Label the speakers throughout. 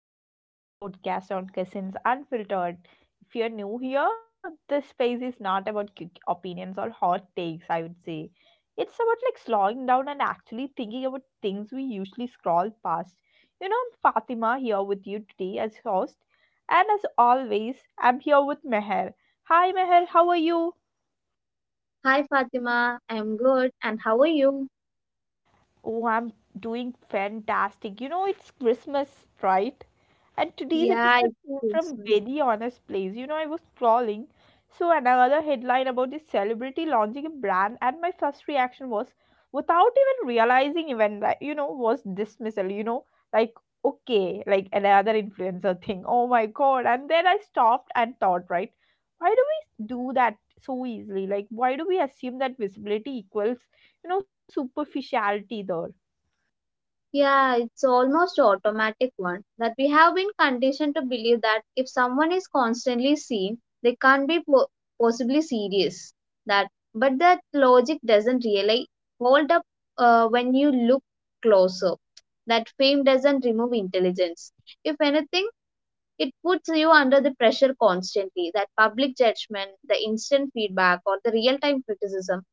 Speaker 1: back to our podcast on Cousins Unfiltered. If you're new here, this space is not about quick opinions or hot takes, I would say. It's about slowing down and actually thinking about things we usually scroll past. You know, I'm Fatima here with you today as host, and as always, I'm here with Meher. Hi, Meher, how are you?
Speaker 2: Hi Fatima, I'm good. And how are you?
Speaker 1: Oh, I'm doing fantastic. You know, it's Christmas, right? And today's
Speaker 2: Yeah,
Speaker 1: episode
Speaker 2: it's
Speaker 1: came from
Speaker 2: Christmas.
Speaker 1: very honest place. You know, I was scrolling, so another headline about this celebrity launching a brand, and my first reaction was, without even realizing, even like you know, was dismissal. Like okay, like another influencer thing. Oh my god! And then I stopped and thought, right? Why do we do that so easily? Like, why do we assume that visibility equals, you know, superficiality there?
Speaker 2: Yeah, it's almost automatic one that we have been conditioned to believe that if someone is constantly seen, they can't be po- possibly serious. That, but that logic doesn't really hold up when you look closer. That fame doesn't remove intelligence. If anything, it puts you under the pressure constantly. That public judgment, the instant feedback, or the real-time criticism,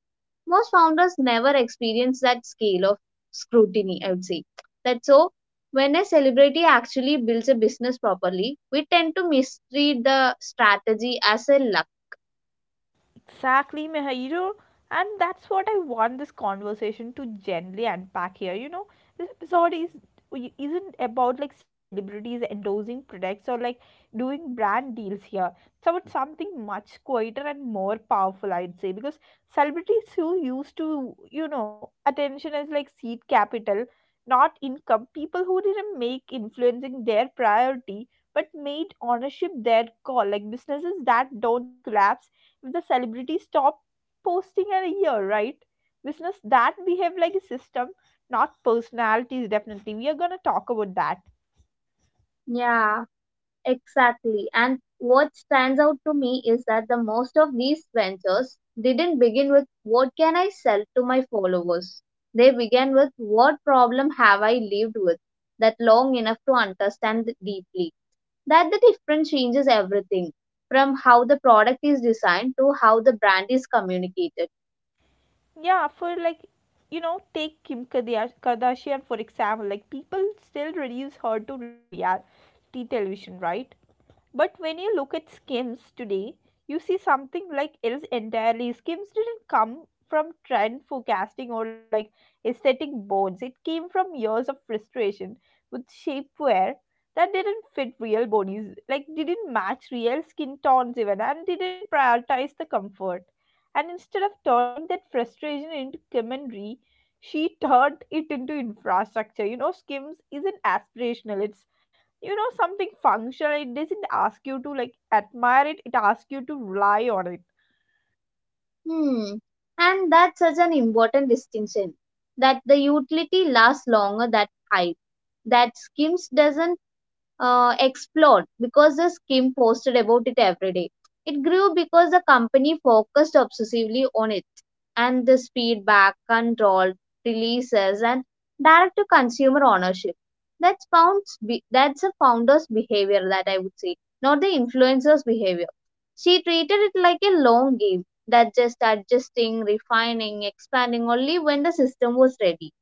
Speaker 2: most founders never experience that scale of scrutiny, I would say. That so when a celebrity actually builds a business properly, we tend to mistreat the strategy as a luck.
Speaker 1: Exactly, Mihairu. And that's what I want this conversation to gently unpack here. You know, this episode is isn't about celebrities endorsing products or doing brand deals here. So, it's about something much quieter and more powerful, I'd say, because celebrities who used to, you know, attention as like seed capital, not income, people who didn't make influencing their priority but made ownership their call, like businesses that don't collapse if the celebrity stop posting in a year, right? Business that behave like a system, not personalities. Definitely, we are gonna talk about that.
Speaker 2: Yeah. Exactly. And what stands out to me is that the most of these ventures didn't begin with what can I sell to my followers. They began with what problem have I lived with that long enough to understand deeply. That the difference changes everything, from how the product is designed to how the brand is communicated.
Speaker 1: Yeah, for like you know, take Kardashian for example. Like people still reduce her to reality television, right? But when you look at Skims today, you see something like else entirely. Skims didn't come from trend forecasting or like aesthetic bones. It came from years of frustration with shapewear that didn't fit real bodies, like didn't match real skin tones even, and didn't prioritize the comfort. And instead of turning that frustration into commentary, she turned it into infrastructure. You know, Skims isn't aspirational. It's you know something functional. It doesn't ask you to like admire it, it asks you to rely on it.
Speaker 2: Hmm. And that's such an important distinction, that the utility lasts longer than hype, that Skims doesn't explode because the scheme posted about it every day. It grew because the company focused obsessively on it, and this feedback, control, releases, and direct to consumer ownership. That's a founder's behavior, that I would say, not the influencer's behavior. She treated it like a long game, that just adjusting, refining, expanding only when the system was ready.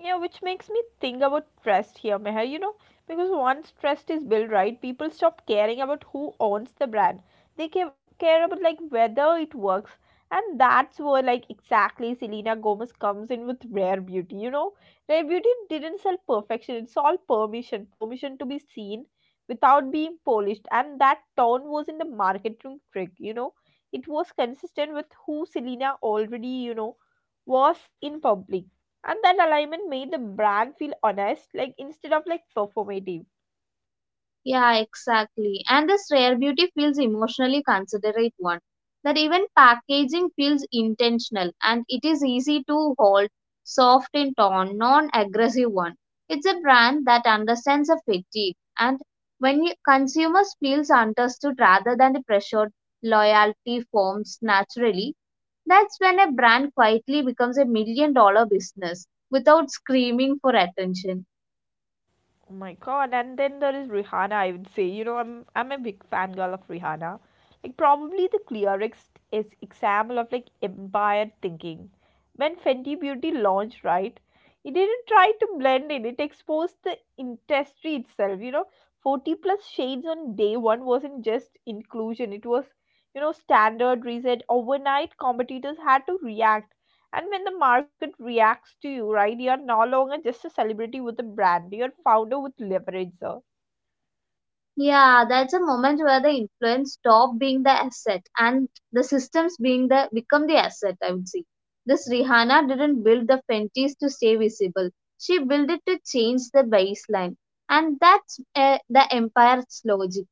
Speaker 1: Yeah, which makes me think about trust here, Meher. You know, because once trust is built right, people stop caring about who owns the brand. They care about like whether it works, and that's where like exactly Selena Gomez comes in with Rare Beauty. You know, Rare Beauty didn't sell perfection; it sold permission, permission to be seen without being polished, and that tone wasn't a marketing trick. You know, it was consistent with who Selena already you know was in public, and that alignment made the brand feel honest, like instead of like performative.
Speaker 2: Yeah, exactly. And this rare beauty feels emotionally considerate one. That even packaging feels intentional and it is easy to hold, soft in tone, non aggressive one. It's a brand that understands a fatigue and when you, consumers feels understood rather than pressured, loyalty forms naturally. That's when a brand quietly becomes a million dollar business without screaming for attention.
Speaker 1: Oh my god. And then there is Rihanna, I would say. You know, I'm a big fangirl of Rihanna. Like probably the clearest is example of like empire thinking. When Fenty Beauty launched, right? It didn't try to blend in, it exposed the industry itself, you know. 40 plus shades on day 1 wasn't just inclusion, it was you know standard reset. Overnight competitors had to react. And when the market reacts to you, right, you're no longer just a celebrity with a brand, you're founder with leverage.
Speaker 2: Yeah, that's a moment where the influence stop being the asset and the systems being the become the asset, I would say. This Rihanna didn't build the Fenties to stay visible. She built it to change the baseline. And that's the empire's logic.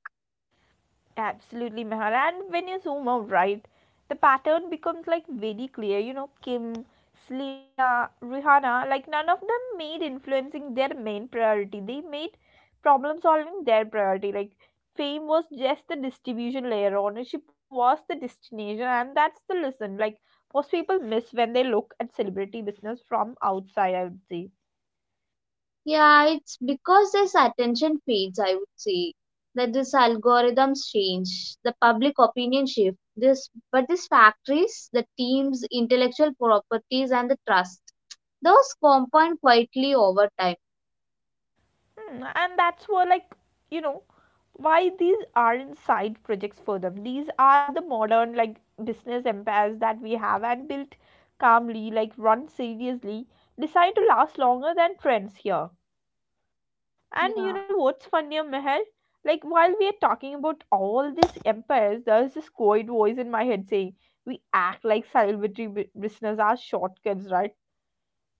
Speaker 1: Absolutely, Mehar. And when you zoom out, right, the pattern becomes like very clear. You know, Kim, Selena, Rihanna, like none of them made influencing their main priority. They made problem solving their priority. Like fame was just the distribution layer, ownership was the destination, and that's the lesson. Like most people miss when they look at celebrity business from outside, I would say.
Speaker 2: Yeah, it's because this attention fades, I would say, that this algorithms change, the public opinion shift, this but these factories, the teams, intellectual properties and the trust, those compound quietly over time.
Speaker 1: Hmm, and that's where, like, you know, why these aren't side projects for them. These are the modern like business empires that we have and built calmly, like run seriously, designed to last longer than trends here. And
Speaker 2: Yeah,
Speaker 1: you know what's funnier, Meher, like while we are talking about all these empires, there's this quiet voice in my head saying we act like business are shortcuts, right?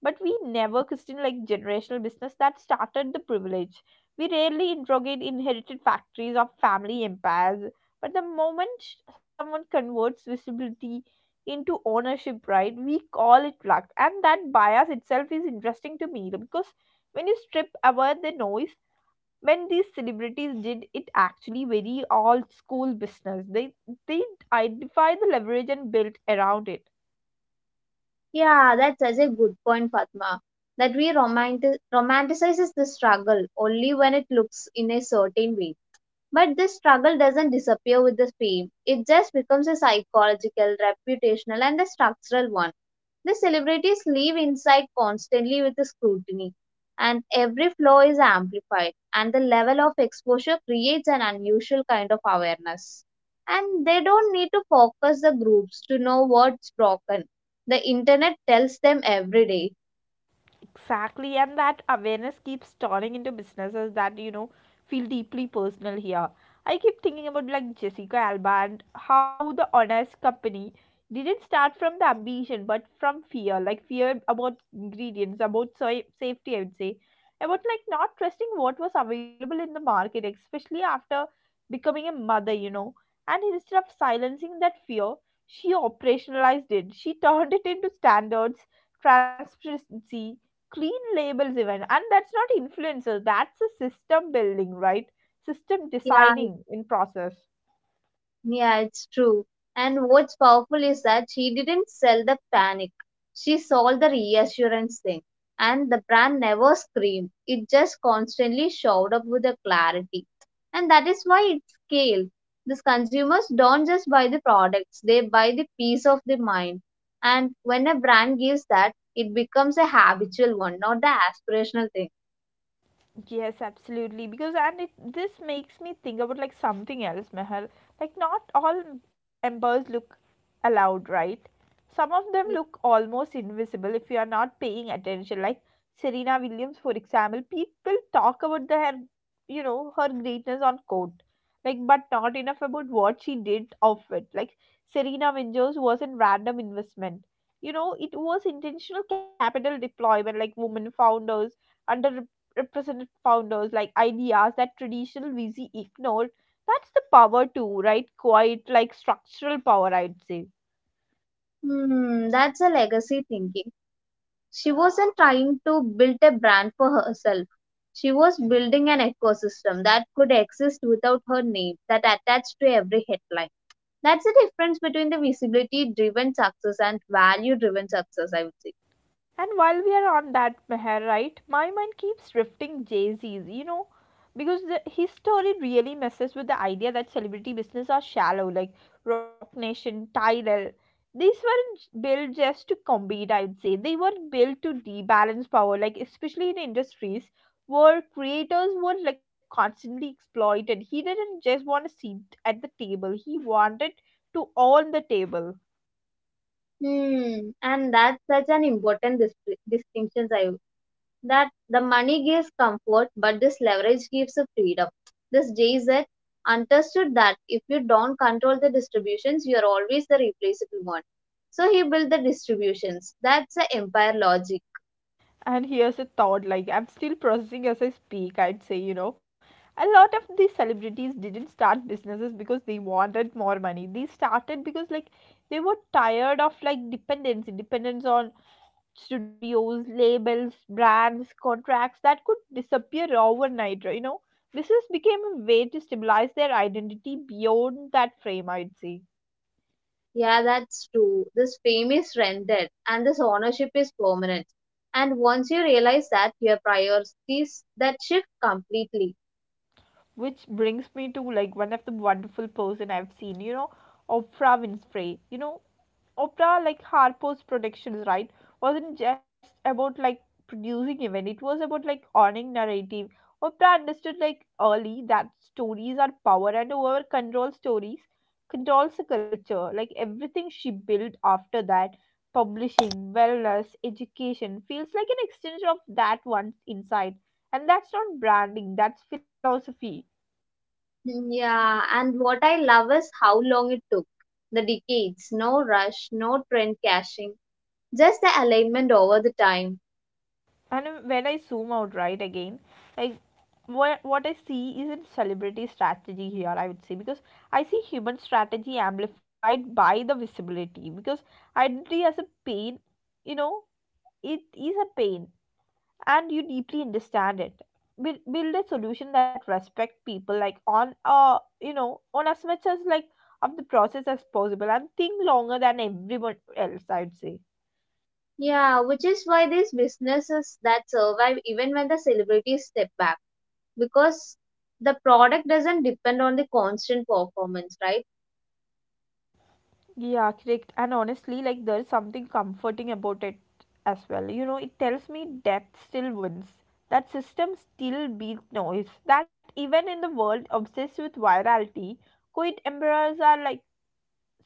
Speaker 1: But we never question like generational business that started the privilege. We rarely interrogate inherited factories or family empires. But the moment someone converts visibility into ownership, right, we call it luck. And that bias itself is interesting to me because when you strip away the noise, when these celebrities did it actually very old school business, they identify the leverage and built around it.
Speaker 2: Yeah, that's such a good point, Fatma. That we romanticizes the struggle only when it looks in a certain way. But this struggle doesn't disappear with the fame. It just becomes a psychological, reputational, and a structural one. The celebrities live inside constantly with the scrutiny, and every flaw is amplified, and the level of exposure creates an unusual kind of awareness. And they don't need to focus the groups to know what's broken. The internet tells them every day.
Speaker 1: Exactly, and that awareness keeps turning into businesses that you know feel deeply personal here. I keep thinking about like Jessica Alba and how the Honest Company didn't start from the ambition but from fear, like fear about ingredients, about soy safety, I would say, about like not trusting what was available in the market, especially after becoming a mother, you know. And instead of silencing that fear, she operationalized it. She turned it into standards, transparency, clean labels even, and that's not influencer, that's a system building, right? System
Speaker 2: Yeah,
Speaker 1: designing in process.
Speaker 2: Yeah, it's true. And what's powerful is that she didn't sell the panic. She sold the reassurance thing. And the brand never screamed. It just constantly showed up with the clarity. And that is why it scaled. These consumers don't just buy the products, they buy the peace of the mind. And when a brand gives that, it becomes a habitual one, not the aspirational thing.
Speaker 1: Yes, absolutely. Because and it this makes me think about like something else, Meher. Like not all embers look allowed, right? Some of them
Speaker 2: Yes.
Speaker 1: look almost invisible if you are not paying attention. Like Serena Williams, for example, people talk about the her, you know, her greatness on court, like but not enough about what she did of it. Like Serena Williams wasn't random investment. You know, it was intentional capital deployment, like women founders, represented founders like ideas that traditional VC ignored. That's the power too, right? Quite like structural power, I'd say.
Speaker 2: Hmm, that's a legacy thinking. She wasn't trying to build a brand for herself. She was building an ecosystem that could exist without her name, that attached to every headline. That's the difference between the visibility driven success and value driven success, I would say.
Speaker 1: And while we are on that, Meher, right, my mind keeps drifting Jay Z's, you know, because the, his story really messes with the idea that celebrity business are shallow, like Rock Nation, Tidal. These weren't j- built just to compete, I would say. They were built to rebalance power, like, especially in industries where creators were like constantly exploited. He didn't just want a seat at the table, he wanted to own the table.
Speaker 2: Hmm, and that's such an important distinction, that the money gives comfort, but this leverage gives a freedom. This JZ understood that if you don't control the distributions, you are always the replaceable one. So he built the distributions. That's the empire logic.
Speaker 1: And here's a thought like I'm still processing as I speak, I'd say, you know. A lot of these celebrities didn't start businesses because they wanted more money. They started because like they were tired of like dependency, dependence on studios, labels, brands, contracts that could disappear overnight, you know. Business became a way to stabilize their identity beyond that frame, I'd say.
Speaker 2: Yeah, that's true. This fame is rented and this ownership is permanent. And once you realize that, your priorities that shift completely.
Speaker 1: Which brings me to like one of the wonderful person I've seen, you know, Oprah Winfrey. You know, Oprah, like Harpo's Productions, right, wasn't just about like producing event. It was about like owning narrative. Oprah understood like early that stories are power, and whoever controls stories controls the culture. Like everything she built after that, publishing, wellness, education, feels like an extension of that one's insight. And that's not branding, that's philosophy.
Speaker 2: Hmm. Yeah, and what I love is how long it took. The decades, no rush, no trend caching, just the alignment over the time.
Speaker 1: And when I zoom out right again, like what I see isn't celebrity strategy here I would say, because I see human strategy amplified by the visibility, because identity as a pain, you know, it is a pain, and you deeply understand it. Build a solution that respect people like on you know on as much as like of the process as possible, and think longer than everyone else, I'd say.
Speaker 2: Yeah, which is why these businesses that survive even when the celebrities step back, because the product doesn't depend on the constant performance, right?
Speaker 1: Yeah, correct. And honestly, like there's something comforting about it as well. You know, it tells me death still wins. That system still beats noise. That even in the world obsessed with virality, quid emperors are like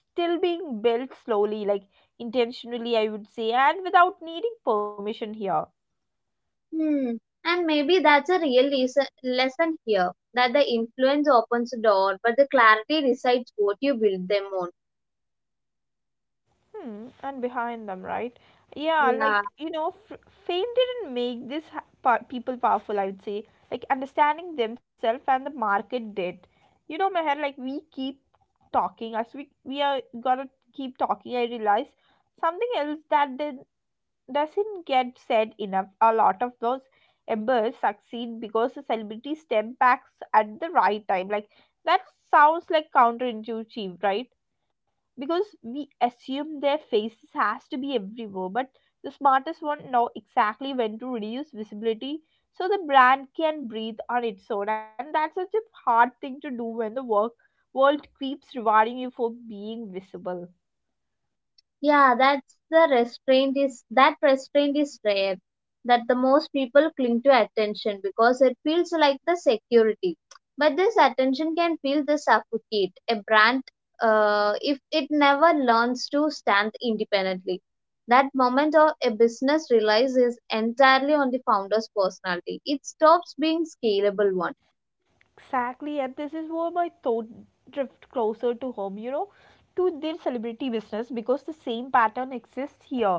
Speaker 1: still being built slowly, like intentionally, I would say, and without needing permission here.
Speaker 2: Hmm. And maybe that's a real lesson here, that the influence opens the door, but the clarity decides what you build them on.
Speaker 1: Hmm, and behind them, right? Yeah,
Speaker 2: Yeah.
Speaker 1: like you know, fame didn't make people powerful. I would say, like understanding themselves and the market did. You know, Meher, like we keep talking as we are gonna keep talking. I realize something else doesn't get said enough. A lot of those embers succeed because the celebrity step backs at the right time. Like that sounds like counterintuitive, right? Because we assume their faces has to be everywhere, but the smartest one know exactly when to reduce visibility so the brand can breathe on its own, and that's such a hard thing to do when the work world keeps rewarding you for being visible.
Speaker 2: That restraint is rare. That the most people cling to attention because it feels like the security. But this attention can feel the suffocate a brand if it never learns to stand independently. That moment of a business relies is entirely on the founder's personality. It stops being scalable one.
Speaker 1: Exactly, and this is where my thought drift closer to home, you know, to their celebrity business because the same pattern exists here.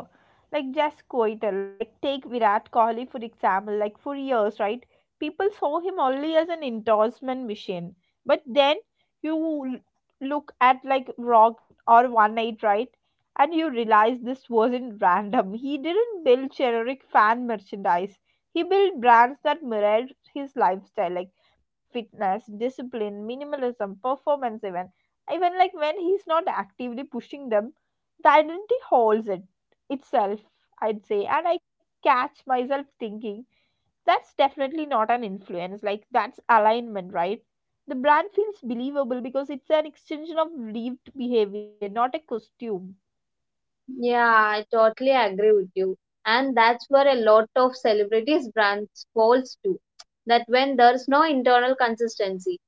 Speaker 1: Like just Koiter, like take Virat Kohli for example, like for years, right? People saw him only as an endorsement machine. But then you l- look at like Rock or One8, right? And you realize this wasn't random. He didn't build generic fan merchandise. He built brands that mirrored his lifestyle. Like fitness, discipline, minimalism, performance, even. Even like when he's not actively pushing them, the identity holds it itself, I'd say. And I catch myself thinking that's definitely not an influence, like that's alignment, right? The brand feels believable because it's an extension of lived behavior, not a costume.
Speaker 2: Yeah, I totally agree with you. And that's where a lot of celebrities brands falls to. That when there's no internal consistency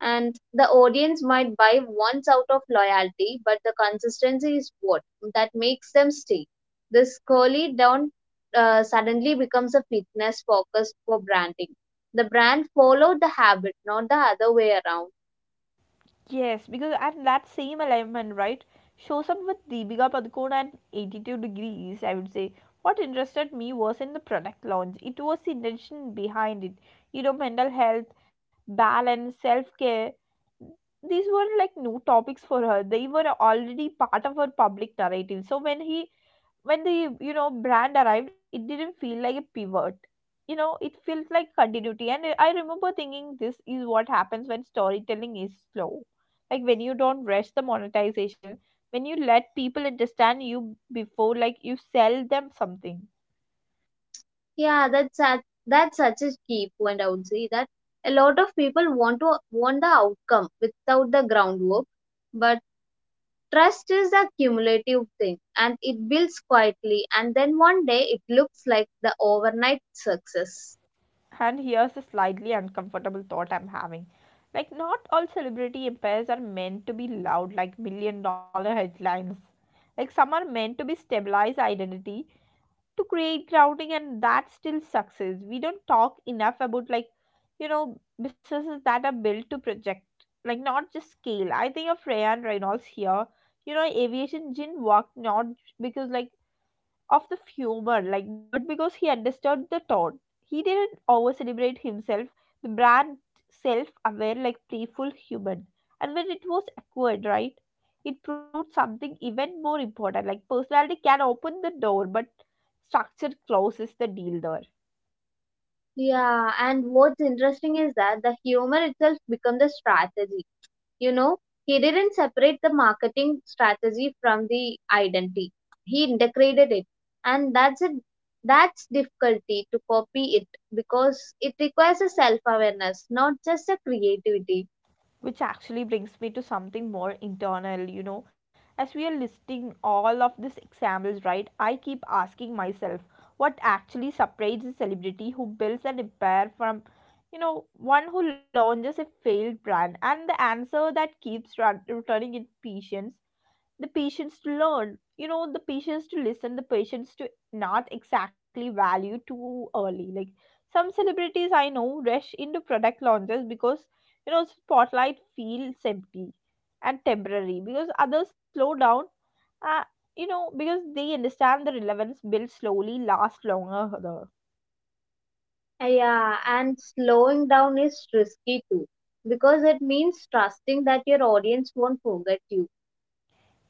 Speaker 2: and the audience might buy once out of loyalty, but the consistency is what that makes them stay. This curly down suddenly becomes a fitness focus for branding. The brand followed the habit, not the other way around.
Speaker 1: Yes, because and that same alignment, right, shows up with Deepika Padukone at 82 degrees, I would say. What interested me was in the product launch. It was the intention behind it. You know, mental health, balance, self care. These were like new topics for her. They were already part of her public narrative. So when the you know brand arrived, it didn't feel like a pivot, you know, it felt like continuity. And I remember thinking this is what happens when storytelling is slow, like when you don't rush the monetization, when you let people understand you before like you sell them something.
Speaker 2: Yeah, that's such, that's such a key point. I would say that a lot of people want the outcome without the groundwork, but trust is a cumulative thing, and it builds quietly, and then one day it looks like the overnight success.
Speaker 1: And here's a slightly uncomfortable thought I'm having, like not all celebrity empires are meant to be loud like million dollar headlines. Like some are meant to be stabilized identity, to create grounding, and that's still success. We don't talk enough about like, you know, businesses that are built to project, like not just scale. I think of Ryan Reynolds here. You know, Aviation didn't work not because, like, of the humor, like, but because he understood the tone. He didn't over celebrate himself. The brand, self aware, like playful, human. And when it was acquired, right, it proved something even more important, like personality can open the door, but structure closes the deal there.
Speaker 2: Yeah, and what's interesting is that the humor itself becomes a strategy. You know, he didn't separate the marketing strategy from the identity, he integrated it. And that's a That's difficulty to copy it, because it requires a self awareness, not just a creativity.
Speaker 1: Which actually brings me to something more internal, you know, as we are listing all of these examples, right, I keep asking myself, what actually separates a celebrity who builds an empire from, you know, one who launches a failed brand? And the answer that keeps returning is patience. The patience to learn, you know, the patience to listen, the patience to not exactly value too early. Like some celebrities I know rush into product launches because, you know, spotlight feels empty and temporary. Because others slow down, uh, you know, because they understand the relevance built slowly last longer.
Speaker 2: Yeah, and slowing down is risky too, because it means trusting that your audience won't forget you.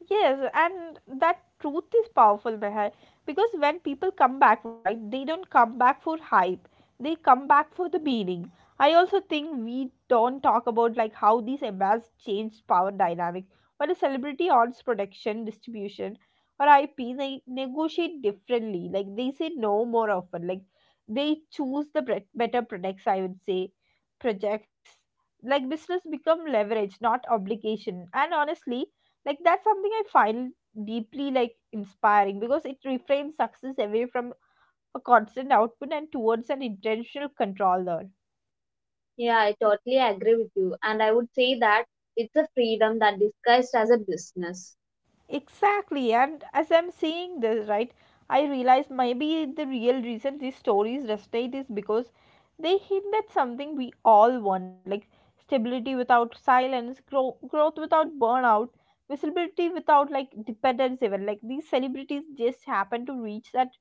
Speaker 1: Yes, and that truth is powerful, Meher, because when people come back, right, they don't come back for hype. They come back for the meaning. I also think we don't talk about like how these embass changed power dynamics. When a celebrity owns production, distribution, or IP, they negotiate differently. Like they say no more often. Like they choose the better products, I would say, projects. Like business become leverage, not obligation. And honestly, like that's something I find deeply like inspiring, because it reframes success away from a constant output and towards an intentional control learn.
Speaker 2: Yeah, I totally agree with you, and I would say that it's a freedom that disguised as a business.
Speaker 1: Exactly, and as I'm seeing this, right, I realize maybe the real reason these stories resonate is because they hint at something we all want, like stability without silence, growth without burnout, visibility without like dependence. Even like these celebrities just happen to reach that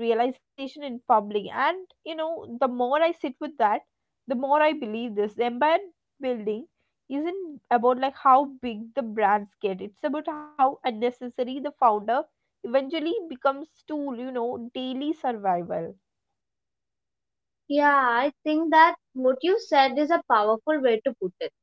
Speaker 1: realization in public. And you know, the more I sit with that, the more I believe this. The empire building isn't about like how big the brands get. It's about how unnecessary the founder eventually becomes to, you know, daily survival.
Speaker 2: Yeah, I think that what you said is a powerful way to put it.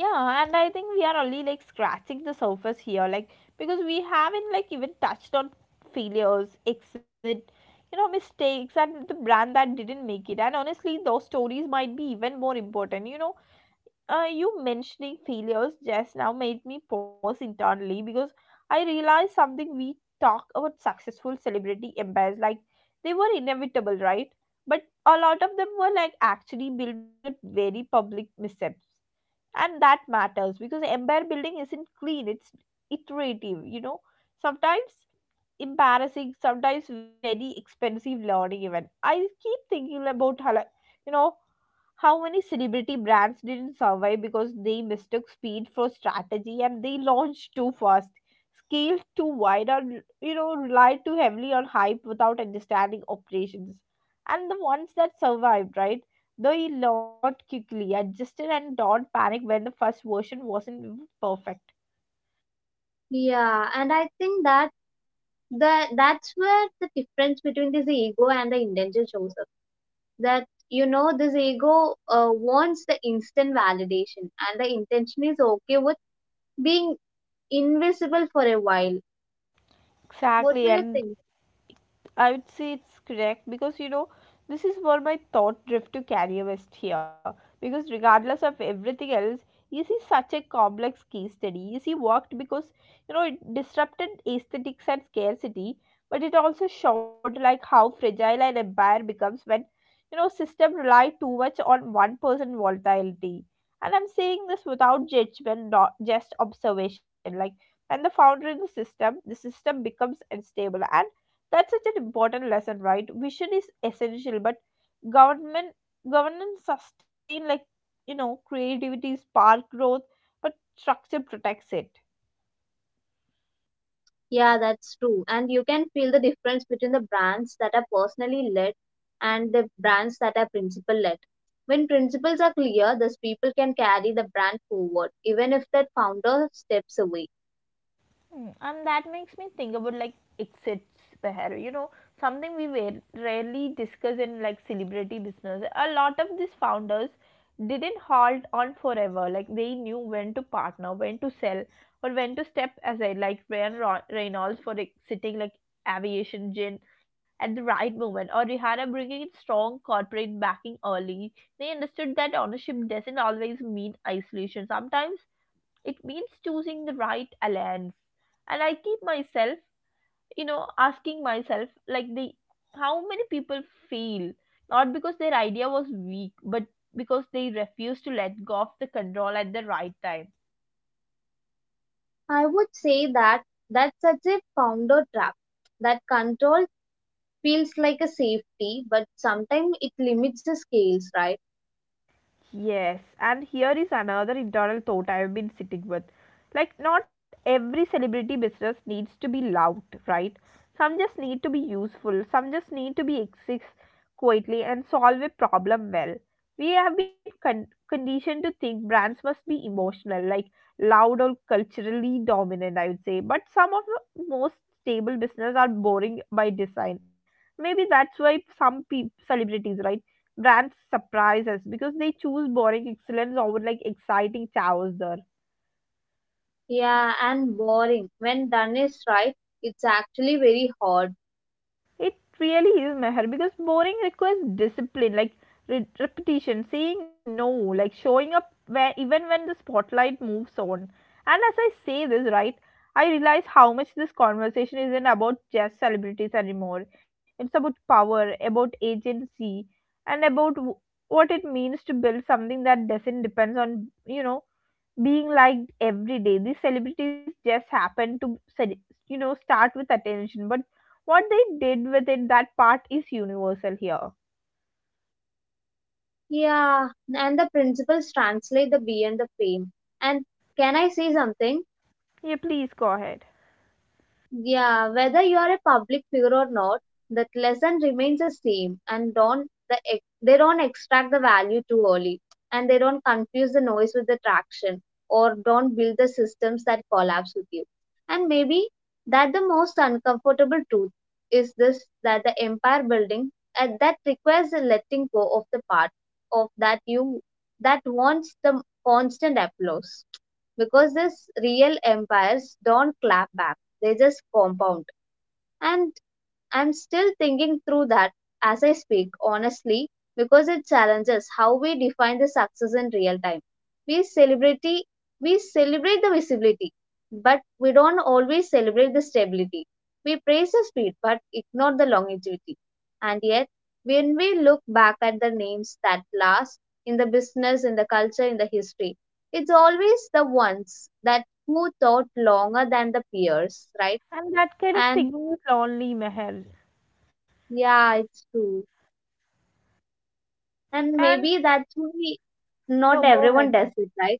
Speaker 1: Yeah, and I think we are only like scratching the surface here, like because we haven't like even touched on failures, exit, you know, mistakes, and the brand that didn't make it. And honestly, those stories might be even more important, you know. You mentioning failures just now made me pause internally, because I realized something. We talk about successful celebrity empires like they were inevitable, right? But a lot of them were like actually built at very public missteps, and that matters because empire building isn't clean. It's iterative, you know, sometimes embarrassing, sometimes very expensive learning. Even I keep thinking about how, like, you know, how many celebrity brands didn't survive because they mistook speed for strategy, and they launched too fast, scaled too wide, or, you know, relied too heavily on hype without understanding operations. And the ones that survived, right, though he learned quickly, adjusted, and don't panic when the first version wasn't perfect.
Speaker 2: Yeah, and I think that the that's where the difference between this ego and the intention shows up. That you know this ego wants the instant validation, and the intention is okay with being invisible for a while. What
Speaker 1: Exactly,
Speaker 2: do you
Speaker 1: and
Speaker 2: think?
Speaker 1: I would say it's correct because, you know, this is where my thought drift to career west here, because regardless of everything else, EC is such a complex case study. EC worked because, you know, it disrupted aesthetics and scarcity, but it also showed like how fragile an empire becomes when, you know, system rely too much on one person volatility. And I'm saying this without judgment, not just observation. Like and the founder in the system becomes unstable, and that's such an important lesson, right? Vision is essential, but government governance sustain, like, you know, creativity spark growth, but structure protects it.
Speaker 2: Yeah, that's true. And you can feel the difference between the brands that are personally led and the brands that are principal led. When principles are clear, those people can carry the brand forward, even if that founder steps away.
Speaker 1: Mm, and that makes me think about like exits, Behar, you know, something we rarely discuss in like celebrity business. A lot of these founders didn't hold on forever. Like they knew when to partner, when to sell, or when to step aside. Like Reynolds for exiting like aviation gin at the right moment, or Rihanna bringing in strong corporate backing early. They understood that ownership doesn't always mean isolation. Sometimes it means choosing the right alliance. And I keep myself, you know, asking myself like the how many people fail not because their idea was weak, but because they refused to let go of the control at the right time.
Speaker 2: I would say that that's such a founder trap. That control feels like a safety, but sometimes it limits the scales, right?
Speaker 1: Yes, and here is another internal thought I've been sitting with. Like, not every celebrity business needs to be loud, right? Some just need to be useful, some just need to be exist quietly and solve a problem well. We have been conditioned to think brands must be emotional, like loud or culturally dominant, I would say. But some of the most stable business are boring by design. Maybe that's why some celebrities, right? Brands surprise us because they choose boring excellence over like exciting chaos there.
Speaker 2: Yeah, and boring. When done is right, it's actually very hard.
Speaker 1: It really is, Meher, because boring requires discipline, like repetition, saying no, like showing up where even when the spotlight moves on. And as I say this, right, I realize how much this conversation isn't about just celebrities anymore. It's about power, about agency, and about what it means to build something that doesn't depends on, you know, being liked every day. These celebrities just happen to, you know, start with attention, but what they did with it, that part is universal here.
Speaker 2: Yeah, and the principles translate the beyond the fame. And can I say something?
Speaker 1: Yeah, please go ahead.
Speaker 2: Yeah, whether you are a public figure or not, that lesson remains the same, and don't the ex- they don't extract the value too early, and they don't confuse the noise with the traction, or don't build the systems that collapse with you. And maybe that the most uncomfortable truth is this: that the empire building that requires the letting go of the part of that you that wants the constant applause, because these real empires don't clap back, they just compound. And I'm still thinking through that as I speak, honestly, because it challenges how we define the success in real time. We celebrate we celebrate the visibility, but we don't always celebrate the stability. We praise the speed but ignore the longevity. And yet, when we look back at the names that last in the business, in the culture, in the history, it's always the ones that who thought longer than the peers, right?
Speaker 1: And that kind of
Speaker 2: And
Speaker 1: thinking is lonely, Meher.
Speaker 2: yeah, it's true. And
Speaker 1: And
Speaker 2: maybe that's why
Speaker 1: no,
Speaker 2: not
Speaker 1: go ahead.
Speaker 2: everyone does it, right?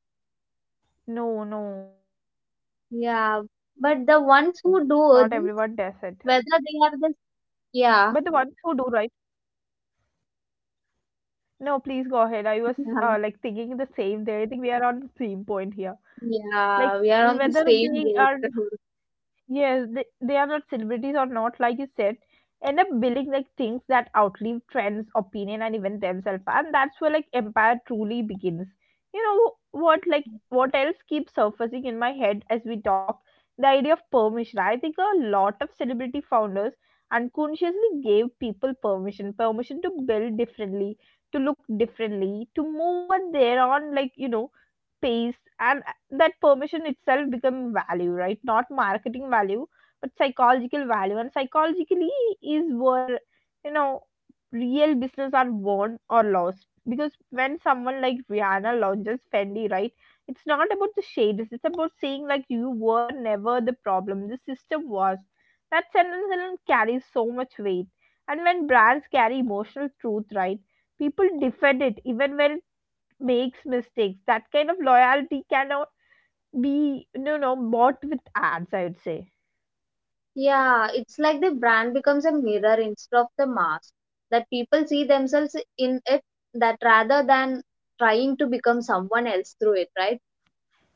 Speaker 1: No, no, not everyone does
Speaker 2: Yeah,
Speaker 1: it.
Speaker 2: but the ones who do this,
Speaker 1: But the
Speaker 2: whether
Speaker 1: ones who
Speaker 2: they
Speaker 1: do,
Speaker 2: are the
Speaker 1: right?
Speaker 2: yeah,
Speaker 1: No, please go ahead. I was like thinking
Speaker 2: yeah,
Speaker 1: the same there. I think we are on the same point here. Like
Speaker 2: yeah, we
Speaker 1: whether
Speaker 2: are on the
Speaker 1: they are.
Speaker 2: same boat.
Speaker 1: Yes, they are not celebrities or not, like you said, end up building like things that outlive trends, opinion, and even themselves. And that's where like empire truly begins. You know what, like, what else keeps surfacing in my head as we talk? The idea of permission. I think a lot of celebrity founders unconsciously gave people permission to build differently, to look differently, to move at their own, like, you know, pace. And that permission itself become value, right, not marketing value, but psychological value. And psychologically is where, you know, real business are won or lost, because when someone like Rihanna launches Fendi, right, it's not about the shades, it's about saying like you were never the problem, the system was. That sentence alone carries so much weight. And when brands carry emotional truth, right, people defend it even when it makes mistakes. That kind of loyalty can be, you know, bought with ads, I'd say.
Speaker 2: Yeah, it's like the brand becomes a mirror instead of the mask, that people see themselves in it, that rather than trying to become someone else through it, right?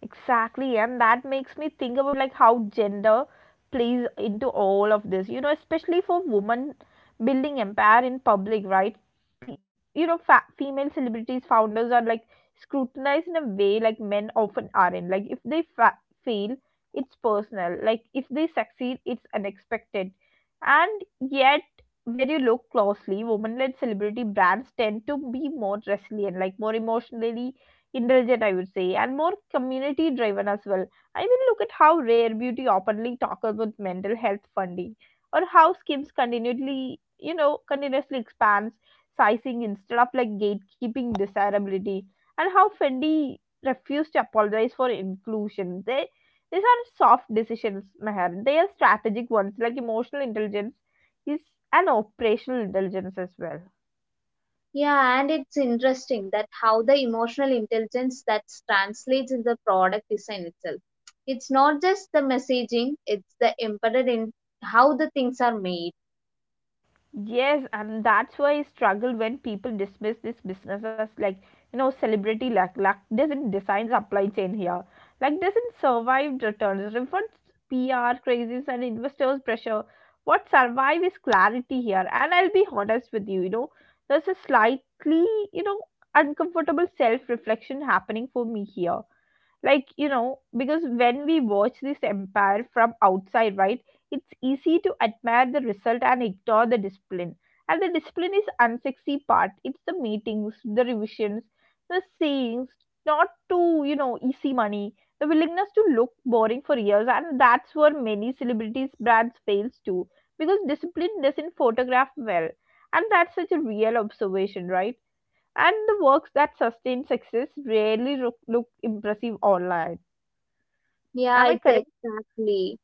Speaker 1: Exactly, and that makes me think about like how gender plays into all of this. You know, especially for women building empire in public, right? Pe You know, female celebrities founders are like scrutinized in a way like men often aren't. Like if they fail, it's personal. Like if they succeed, it's unexpected. And yet, when you look closely, women-led celebrity brands tend to be more resilient, like more emotionally intelligent, I would say, and more community driven as well. I mean, look at how Rare Beauty openly talks about mental health funding, or how Skims continually, you know, continuously expands sizing instead of like gatekeeping desirability, and how Fendi refused to apologize for inclusion. They these are soft decisions, Meher. They are strategic ones, like emotional intelligence is an operational intelligence as well.
Speaker 2: Yeah, and it's interesting that how the emotional intelligence that translates in the product design itself. It's not just the messaging, it's the embedded in how the things are made.
Speaker 1: Yes, and that's why I struggle when people dismiss this business as like, you know, celebrity luck. Luck doesn't design supply chain here. Like doesn't survive returns. Refunds, PR crazes, and investors pressure. What survive is clarity here. And I'll be honest with you, there's a slightly, you know, uncomfortable self-reflection happening for me here, because when we watch this empire from outside, right, it's easy to admire the result and ignore the discipline. And the discipline is unsexy part. It's the meetings, the revisions, the sayings, not to easy money, the willingness to look boring for years. And that's where many celebrities brands fails too, because discipline doesn't photograph well. And that's such a real observation, right? And the works that sustain success rarely look impressive online.
Speaker 2: Yeah,
Speaker 1: Am I
Speaker 2: it's
Speaker 1: correct?
Speaker 2: exactly.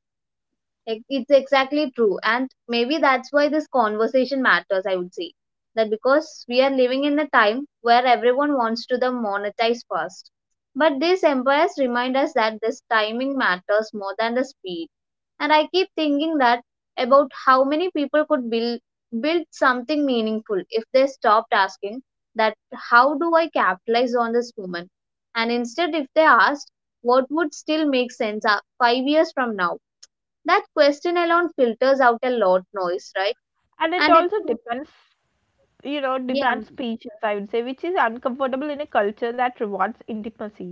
Speaker 2: Like, it's exactly true. And maybe that's why this conversation matters, I would say. That because we are living in a time where everyone wants to the monetize fast. But these empires remind us that this timing matters more than the speed. And I keep thinking that about how many people could build something meaningful if they stopped asking that how do I capitalize on this moment? And instead if they asked what would still make sense 5 years from now, that question alone filters out a lot noise, right?
Speaker 1: And it
Speaker 2: And it,
Speaker 1: also depends,
Speaker 2: yeah,
Speaker 1: demands patience, I would say, which is uncomfortable in a culture that rewards intimacy.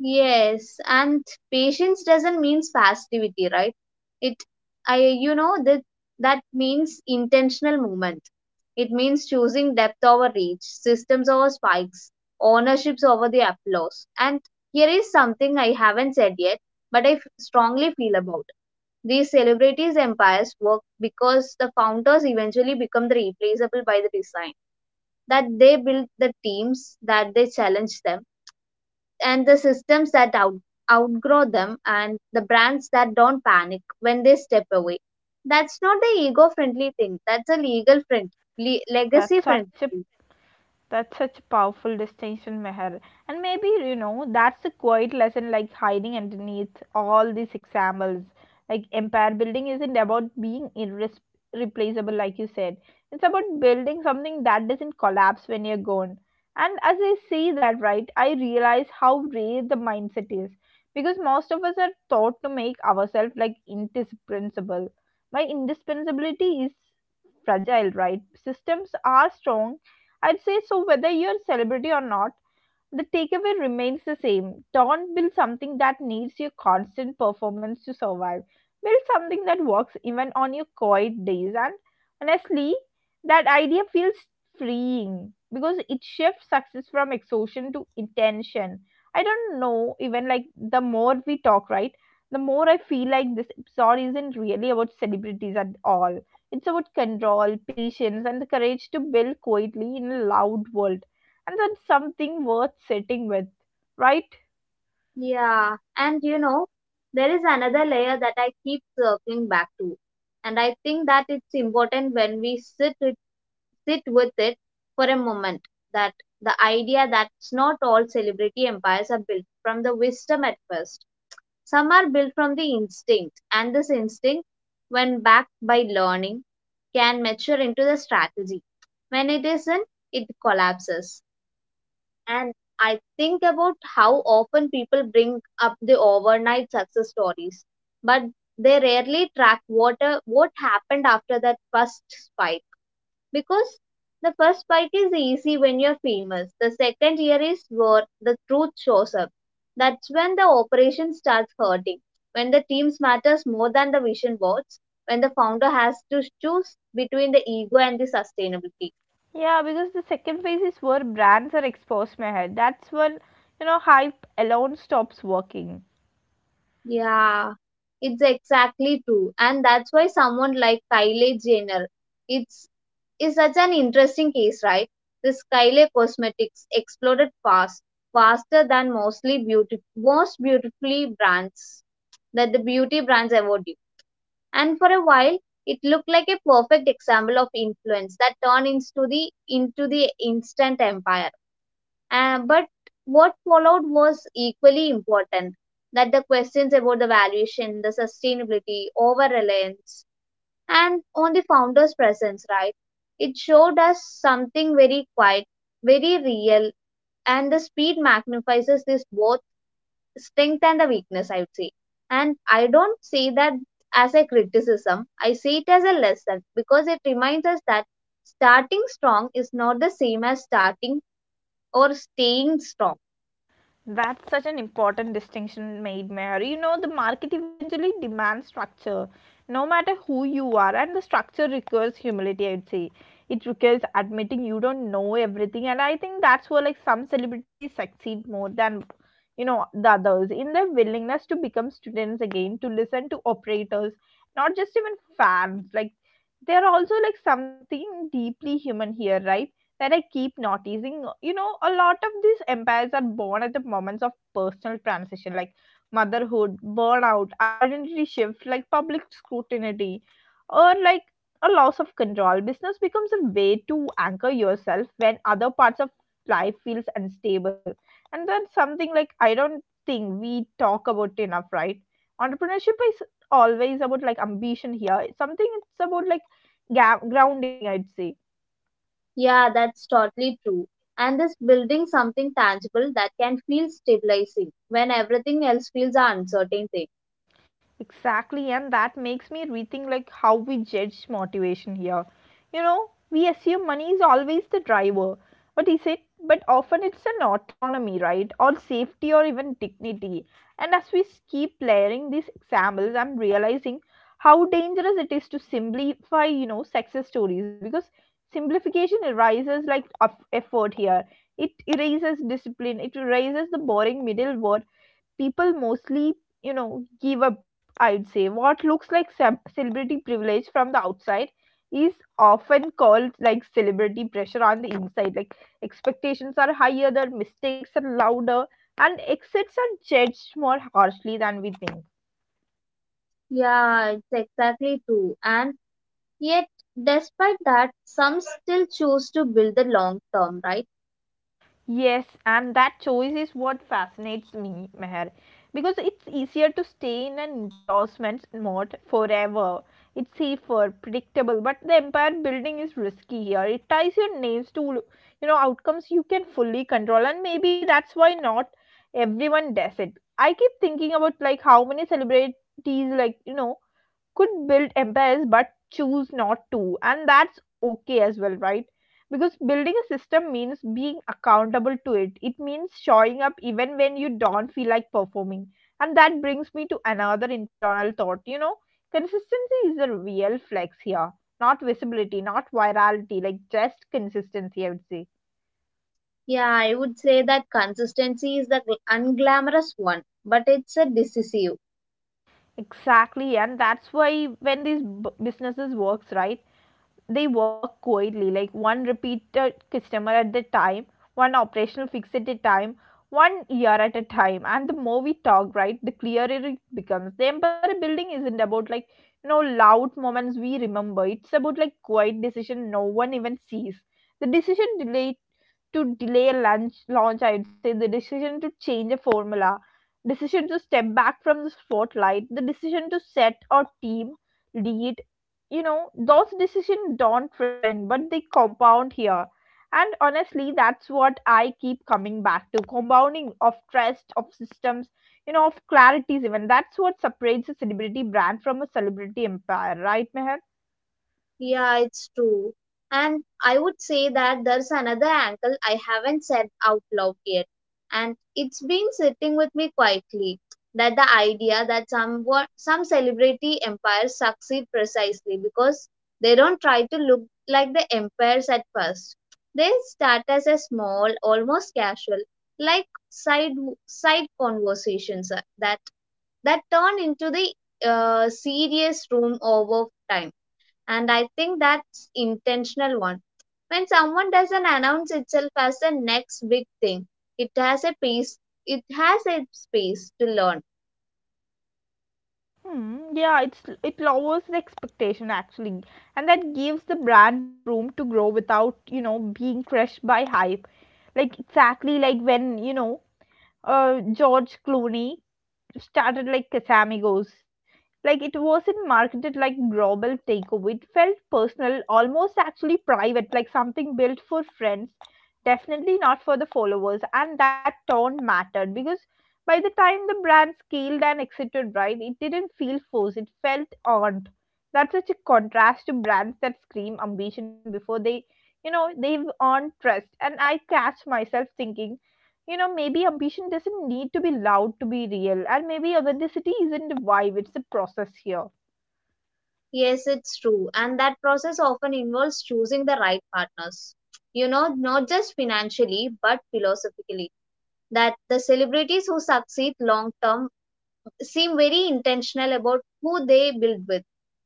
Speaker 2: yes. And patience doesn't means passivity, right? It, I, you know, that That means intentional movement. It means choosing depth over reach, systems over spikes, ownerships over the applause. And here is something I haven't said yet, but I strongly feel about. These celebrities' empires work because the founders eventually become the replaceable by the design that they build the teams that they challenge them and the systems that outgrow them and the brands that don't panic when they step away. That's not the ego friendly thing, that's a legal friendly,
Speaker 1: That's
Speaker 2: legacy friendly.
Speaker 1: such a That's such a powerful distinction, Meher. And maybe, that's a quiet lesson like hiding underneath all these examples. Like empire building isn't about being irreplaceable, like you said. It's about building something that doesn't collapse when you're gone. And as I see that, right, I realize how rare the mindset is. Because most of us are taught to make ourselves like indispensable. My indispensability is fragile, right? Systems are strong, I'd say. So whether you're a celebrity or not, the takeaway remains the same. Don't build something that needs your constant performance to survive. Build something that works even on your quiet days. And honestly, that idea feels freeing because it shifts success from exhaustion to intention. I don't know, even like the more we talk, right? The more I feel like this episode isn't really about celebrities at all. It's about control, patience, and the courage to build quietly in a loud world, and that's something worth sitting with, right?
Speaker 2: Yeah, and you know, there is another layer that I keep circling back to, and I think that it's important when we sit with it for a moment, that the idea that's not all celebrity empires are built from the wisdom at first. Some are built from the instinct, and this instinct, when backed by learning, can mature into the strategy. When it isn't, it collapses. And I think about how often people bring up the overnight success stories, but they rarely track what happened after that first spike. Because the first spike is easy when you're famous, the second year is where the truth shows up. That's when the operation starts hurting, when the teams matters more than the vision boards, when the founder has to choose between the ego and the sustainability.
Speaker 1: Yeah, because the second phase is where brands are exposed. My that's when, hype alone stops working.
Speaker 2: Yeah, it's exactly true, and that's why someone like Kylie Jenner, it's is such an interesting case, right? This Kylie Cosmetics exploded fast, faster than most beautifully brands that the beauty brands award you. And for a while, it looked like a perfect example of influence that turned into the instant empire. But what followed was equally important, that the questions about the valuation, the sustainability, over reliance, and on the founder's presence, right? It showed us something very quiet, very real, and the speed magnifies this both strength and the weakness, I would say. And I don't see that as a criticism, I see it as a lesson because it reminds us that starting strong is not the same as starting or staying strong.
Speaker 1: That's such an important distinction made, Mayor. You know, the market eventually demands structure, no matter who you are, and the structure requires humility, I would say. It requires admitting you don't know everything, and I think that's where like some celebrities succeed more than, the others in their willingness to become students again, to listen to operators, not just even fans. Like they're also like something deeply human here, right? That I keep noticing. You know, a lot of these empires are born at the moments of personal transition, like motherhood, burnout, identity shift, like public scrutiny, or like a loss of control. Business becomes a way to anchor yourself when other parts of life feels unstable. And that's something like I don't think we talk about enough, right? Entrepreneurship is always about like ambition here. It's something it's about like grounding, I'd say.
Speaker 2: Yeah, that's totally true. And this building something tangible that can feel stabilizing when everything else feels an uncertain thing.
Speaker 1: Exactly, and that makes me rethink like how we judge motivation here. You know, we assume money is always the driver, but is it? But often it's an autonomy, right? Or safety, or even dignity. And as we keep layering these examples, I'm realizing how dangerous it is to simplify, success stories because simplification erases like effort here. It erases discipline. It erases the boring middle word people mostly give up. I'd say what looks like celebrity privilege from the outside is often called like celebrity pressure on the inside. Like expectations are higher, their mistakes are louder, and exits are judged more harshly than we think.
Speaker 2: Yeah, it's exactly true. And yet, despite that, some still choose to build the long term, right?
Speaker 1: Yes, and that choice is what fascinates me, Meher, because it's easier to stay in an endorsement mode forever. It's safer, predictable, but the empire building is risky here. It ties your names to, outcomes you can fully control, and maybe that's why not everyone does it. I keep thinking about like how many celebrities, like you know, could build empires but choose not to, and that's okay as well, right? Because building a system means being accountable to it. It means showing up even when you don't feel like performing. And that brings me to another internal thought, you know, consistency is a real flex here, not visibility, not virality, like just consistency, I would say.
Speaker 2: Yeah, I would say that consistency is the unglamorous one, but it's a decisive.
Speaker 1: Exactly, and that's why when these businesses works, right, they work coyly, like one repeated customer at the time, one operational fix at a time, one year at a time. And the more we talk, right, the clearer it becomes. The empire building isn't about like, loud moments we remember. It's about like quiet decision no one even sees. The decision delayed to delay a lunch, launch, I'd say, the decision to change a formula, decision to step back from the spotlight, the decision to set a team lead. You know, those decisions don't trend, but they compound here. And honestly, that's what I keep coming back to: compounding of trust, of systems, of clarities, even. That's what separates a celebrity brand from a celebrity empire, right, Meher?
Speaker 2: Yeah, it's true. And I would say that there's another angle I haven't said out loud yet. And it's been sitting with me quietly that the idea that somewhat, some celebrity empires succeed precisely because they don't try to look like the empires at first. They start as a small, almost casual, like side conversations that turn into the serious room over time. And I think that's intentional one. When someone doesn't announce itself as the next big thing, it has a pace, it has a space to learn.
Speaker 1: Hmm, yeah, it's it lowers the expectation actually, and that gives the brand room to grow without being crushed by hype. Like exactly like when George Clooney started like Casamigos. Like it wasn't marketed like global takeover. It felt personal, almost actually private, like something built for friends, definitely not for the followers. And that tone mattered because by the time the brand scaled and exited, right, it didn't feel forced. It felt earned. That's such a contrast to brands that scream ambition before they, they've earned trust. And I catch myself thinking, maybe ambition doesn't need to be loud to be real, and maybe authenticity isn't a vibe, it's a process here.
Speaker 2: Yes, it's true, and that process often involves choosing the right partners, you know, not just financially but philosophically, that the celebrities who succeed long term seem very intentional about who they build with.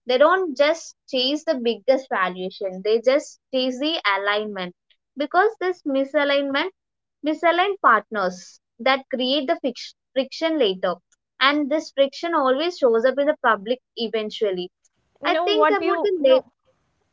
Speaker 2: They don't just chase the biggest valuation, they just chase the alignment. Because this misaligned partners that create the friction later. And this friction always shows up in the public eventually. I
Speaker 1: No,
Speaker 2: think
Speaker 1: what do
Speaker 2: about
Speaker 1: you?
Speaker 2: the late.
Speaker 1: No.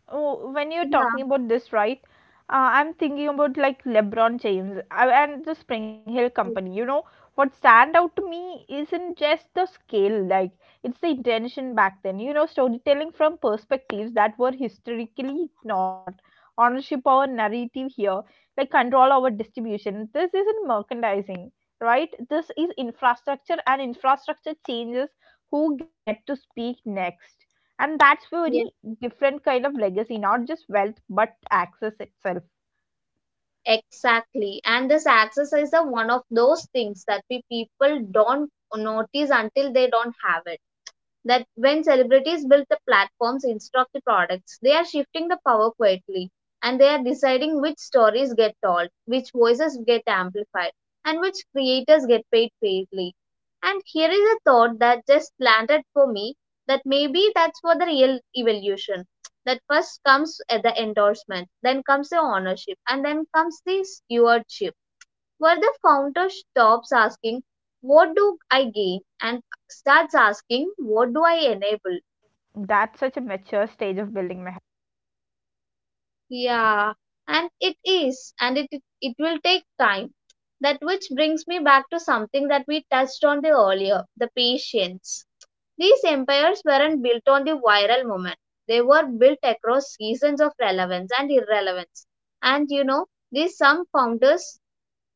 Speaker 1: Oh, when you're talking
Speaker 2: Yeah.
Speaker 1: about this, right? I'm thinking about like LeBron James and the Spring Hill
Speaker 2: Oh,
Speaker 1: Company. You know, what stand out to me isn't just the scale, like it's the intention back then. You know, storytelling from perspectives that were historically ignored, ownership over narrative here, like control over distribution. This isn't merchandising, right? This is infrastructure, and infrastructure changes who get to speak next, and that's very
Speaker 2: yeah.
Speaker 1: different kind of legacy, not just wealth, but access itself.
Speaker 2: Exactly. And this access is the one of those things that we people don't notice until they don't have it. That when celebrities build the platforms instead of the products, they are shifting the power quietly and they are deciding which stories get told, which voices get amplified, and which creators get paid fairly. And here is a thought that just landed for me, that maybe that's for the real evolution. That first comes at the endorsement, then comes the ownership, and then comes the stewardship, where the founder stops asking, "What do I gain?" and starts asking, "What do I enable?"
Speaker 1: That's such a mature stage of building my.
Speaker 2: Yeah, and it is, it will take time. That which brings me back to something that we touched on the earlier, the patience. These empires weren't built on the viral moment, they were built across seasons of relevance and irrelevance. And you know, these some founders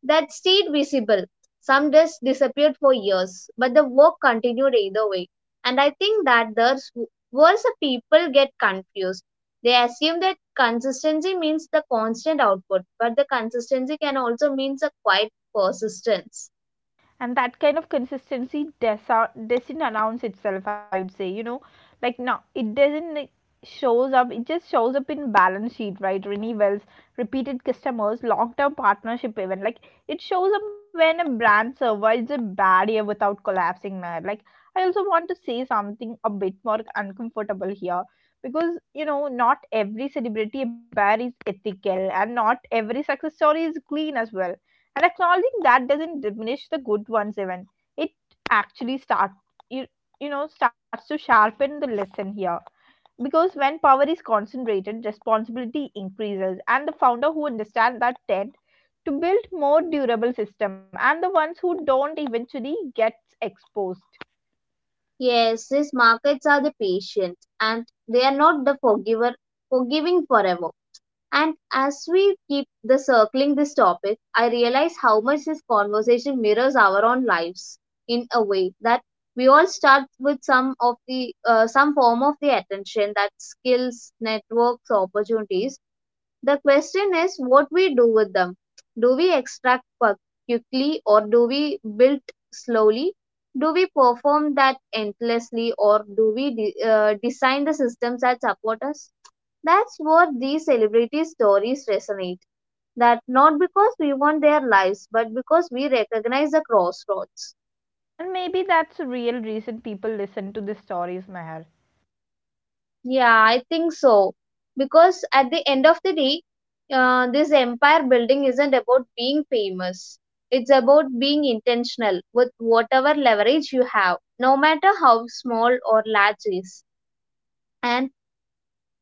Speaker 2: that stayed visible. Some dust disappeared for years, but the work continued either way. And I think that the worse people get confused. They assume that consistency means the constant output, but the consistency can also mean a quiet persistence.
Speaker 1: And that kind of consistency doesn't announce itself, I would say, you know, like now it doesn't like, shows up. It just shows up in balance sheet, right, renewals, repeated customers, long term partnership, even like it shows up when a brand survives a barrier without collapsing, Meher. Like I also want to say something a bit more uncomfortable here, because you know not every celebrity empire is ethical, and not every success story is clean as well. And acknowledging that doesn't diminish the good ones, even it actually start, you, you know, starts to sharpen the lesson here. Because when power is concentrated, responsibility increases, and the founder who understand that tend to build more durable system, and the ones who don't eventually gets exposed.
Speaker 2: Yes, these markets are the patient and they are not the forgiver forgiving forever. And as we keep the circling this topic, I realize how much this conversation mirrors our own lives, in a way that we all start with some of the some form of the attention, that skills, networks, opportunities. The question is what we do with them. Do we quickly, or do we build slowly? Do we perform that endlessly, or do we design the systems that support us? That's what these celebrity stories resonate. That not because we want their lives, but because we recognize the crossroads.
Speaker 1: And maybe that's a real reason people listen to the stories, Meher.
Speaker 2: Yeah, I think so. Because at the end of the day, this empire building isn't about being famous. It's about being intentional with whatever leverage you have, no matter how small or large is. And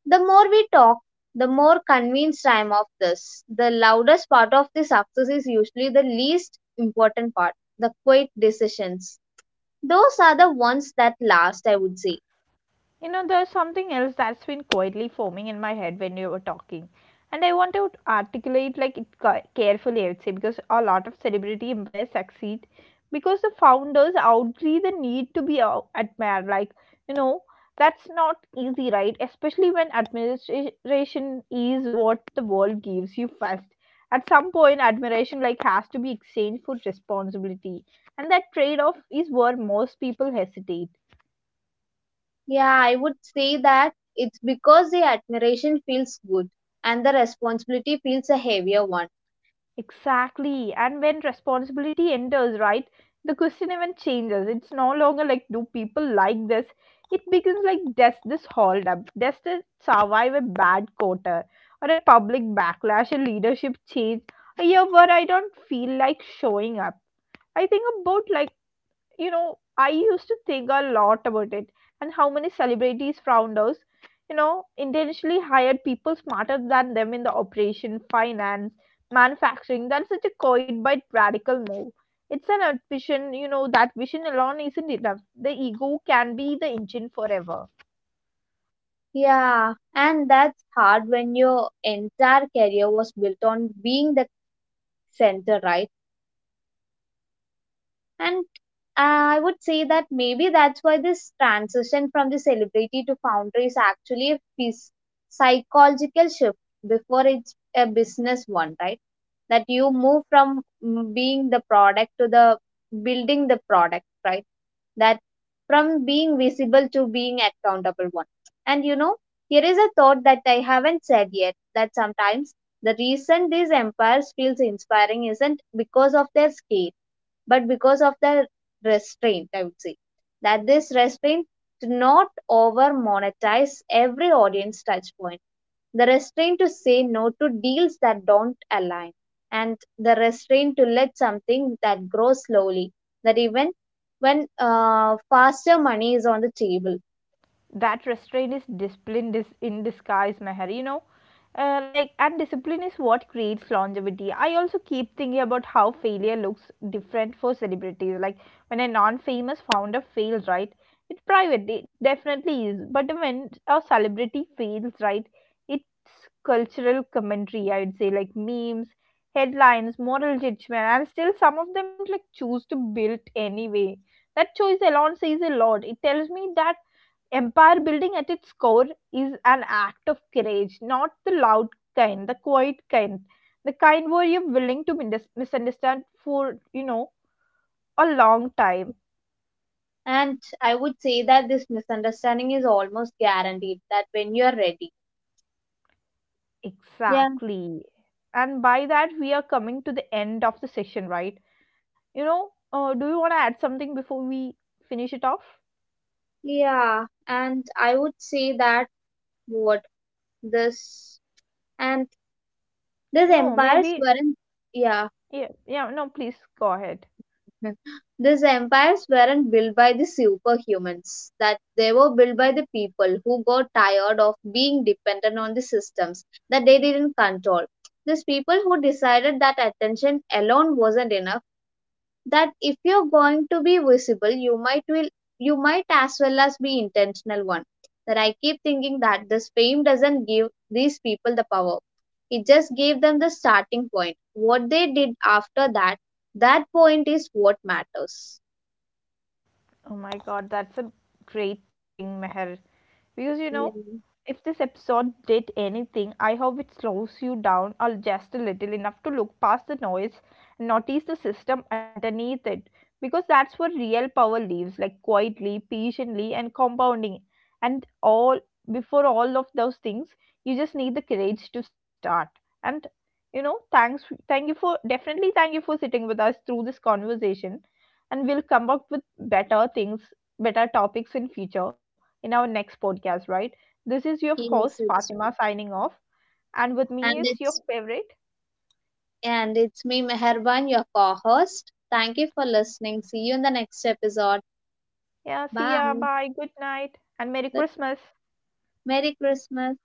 Speaker 2: the more we talk, the more convinced I am of this. The loudest part of the success is usually the least important part, the quiet decisions. Those are the ones that last, I would say.
Speaker 1: You know, there's something else that's been quietly forming in my head when you were talking. And I want to articulate like it carefully, I would say, because a lot of celebrity empires succeed because the founders outgrew the need to be admired. Like, you know, that's not easy, right? Especially when admiration is what the world gives you first. At some point, admiration like has to be exchanged for responsibility, and that trade-off is where most people hesitate.
Speaker 2: Yeah, I would say that it's because the admiration feels good and the responsibility feels a heavier one.
Speaker 1: Exactly. And when responsibility enters, right, the question even changes. It's no longer like, do people like this? It becomes like, does this hold up? Does this survive a bad quarter or a public backlash, a leadership change, a year where I don't feel like showing up? I think about like, I used to think a lot about it, and how many celebrities founders, intentionally hired people smarter than them in the operation, finance, manufacturing. That's such a coin by radical move. It's an ambition, you know, that vision alone isn't enough. The ego can be the engine forever.
Speaker 2: Yeah, and that's hard when your entire career was built on being the center, right? And I would say that maybe that's why this transition from the celebrity to founder is actually a psychological shift before it's a business one, right? That you move from being the product to the building the product, right? That from being visible to being accountable one. And you know, here is a thought that I haven't said yet, that sometimes the reason these empires feels inspiring isn't because of their scale but because of the restraint, I would say. That this restraint to not over monetize every audience touch point, the restraint to say no to deals that don't align, and the restraint to let something that grows slowly, that even when faster money is on the table.
Speaker 1: That restraint is discipline in disguise, Meher. You know, like and discipline is what creates longevity. I also keep thinking about how failure looks different for celebrities. Like when a non-famous founder fails, right, it's private, it definitely is. But when a celebrity fails, right, it's cultural commentary, I would say, like memes, headlines, moral judgment. And still some of them like choose to build anyway. That choice alone says a lot. It tells me that empire building at its core is an act of courage, not the loud kind, the quiet kind, the kind where you're willing to misunderstand for, a long time.
Speaker 2: And I would say that this misunderstanding is almost guaranteed that when you are ready. Yeah,
Speaker 1: Exactly. And by that, we are coming to the end of the session, right? You know, do you want to add something before we finish it off?
Speaker 2: yeah, and I would say that what this and these
Speaker 1: No,
Speaker 2: empires
Speaker 1: maybe.
Speaker 2: weren't yeah
Speaker 1: Yeah, yeah, no, please go ahead.
Speaker 2: these empires weren't built by the superhumans, that they were built by the people who got tired of being dependent on the systems that they didn't control. These people who decided that attention alone wasn't enough, that if you're going to be visible, you might will you might as well as be intentional one. That I keep thinking that this fame doesn't give these people the power, it just gave them the starting point. What they did after that, that point is what matters.
Speaker 1: Oh my god, that's a great thing, Meher. Because you know,
Speaker 2: Yeah.
Speaker 1: if this episode did anything, I hope it slows you down or just a little enough to look past the noise and notice the system underneath it. Because that's where real power lives, like quietly, patiently, and compounding. And all before all of those things, you just need the courage to start. And you know, thank you for definitely thank you for sitting with us through this conversation. And we'll come up with better things, better topics in future in our next podcast, right? This is your
Speaker 2: Yes,
Speaker 1: host
Speaker 2: it's true.
Speaker 1: Fatima signing off, and with
Speaker 2: and
Speaker 1: me is your
Speaker 2: it's
Speaker 1: favorite.
Speaker 2: and it's me, Meherban, your co-host. Thank you for listening. See you in the next episode.
Speaker 1: Yeah, see ya,
Speaker 2: Bye.
Speaker 1: bye, good night, and Merry
Speaker 2: Good-
Speaker 1: Christmas.
Speaker 2: Merry Christmas.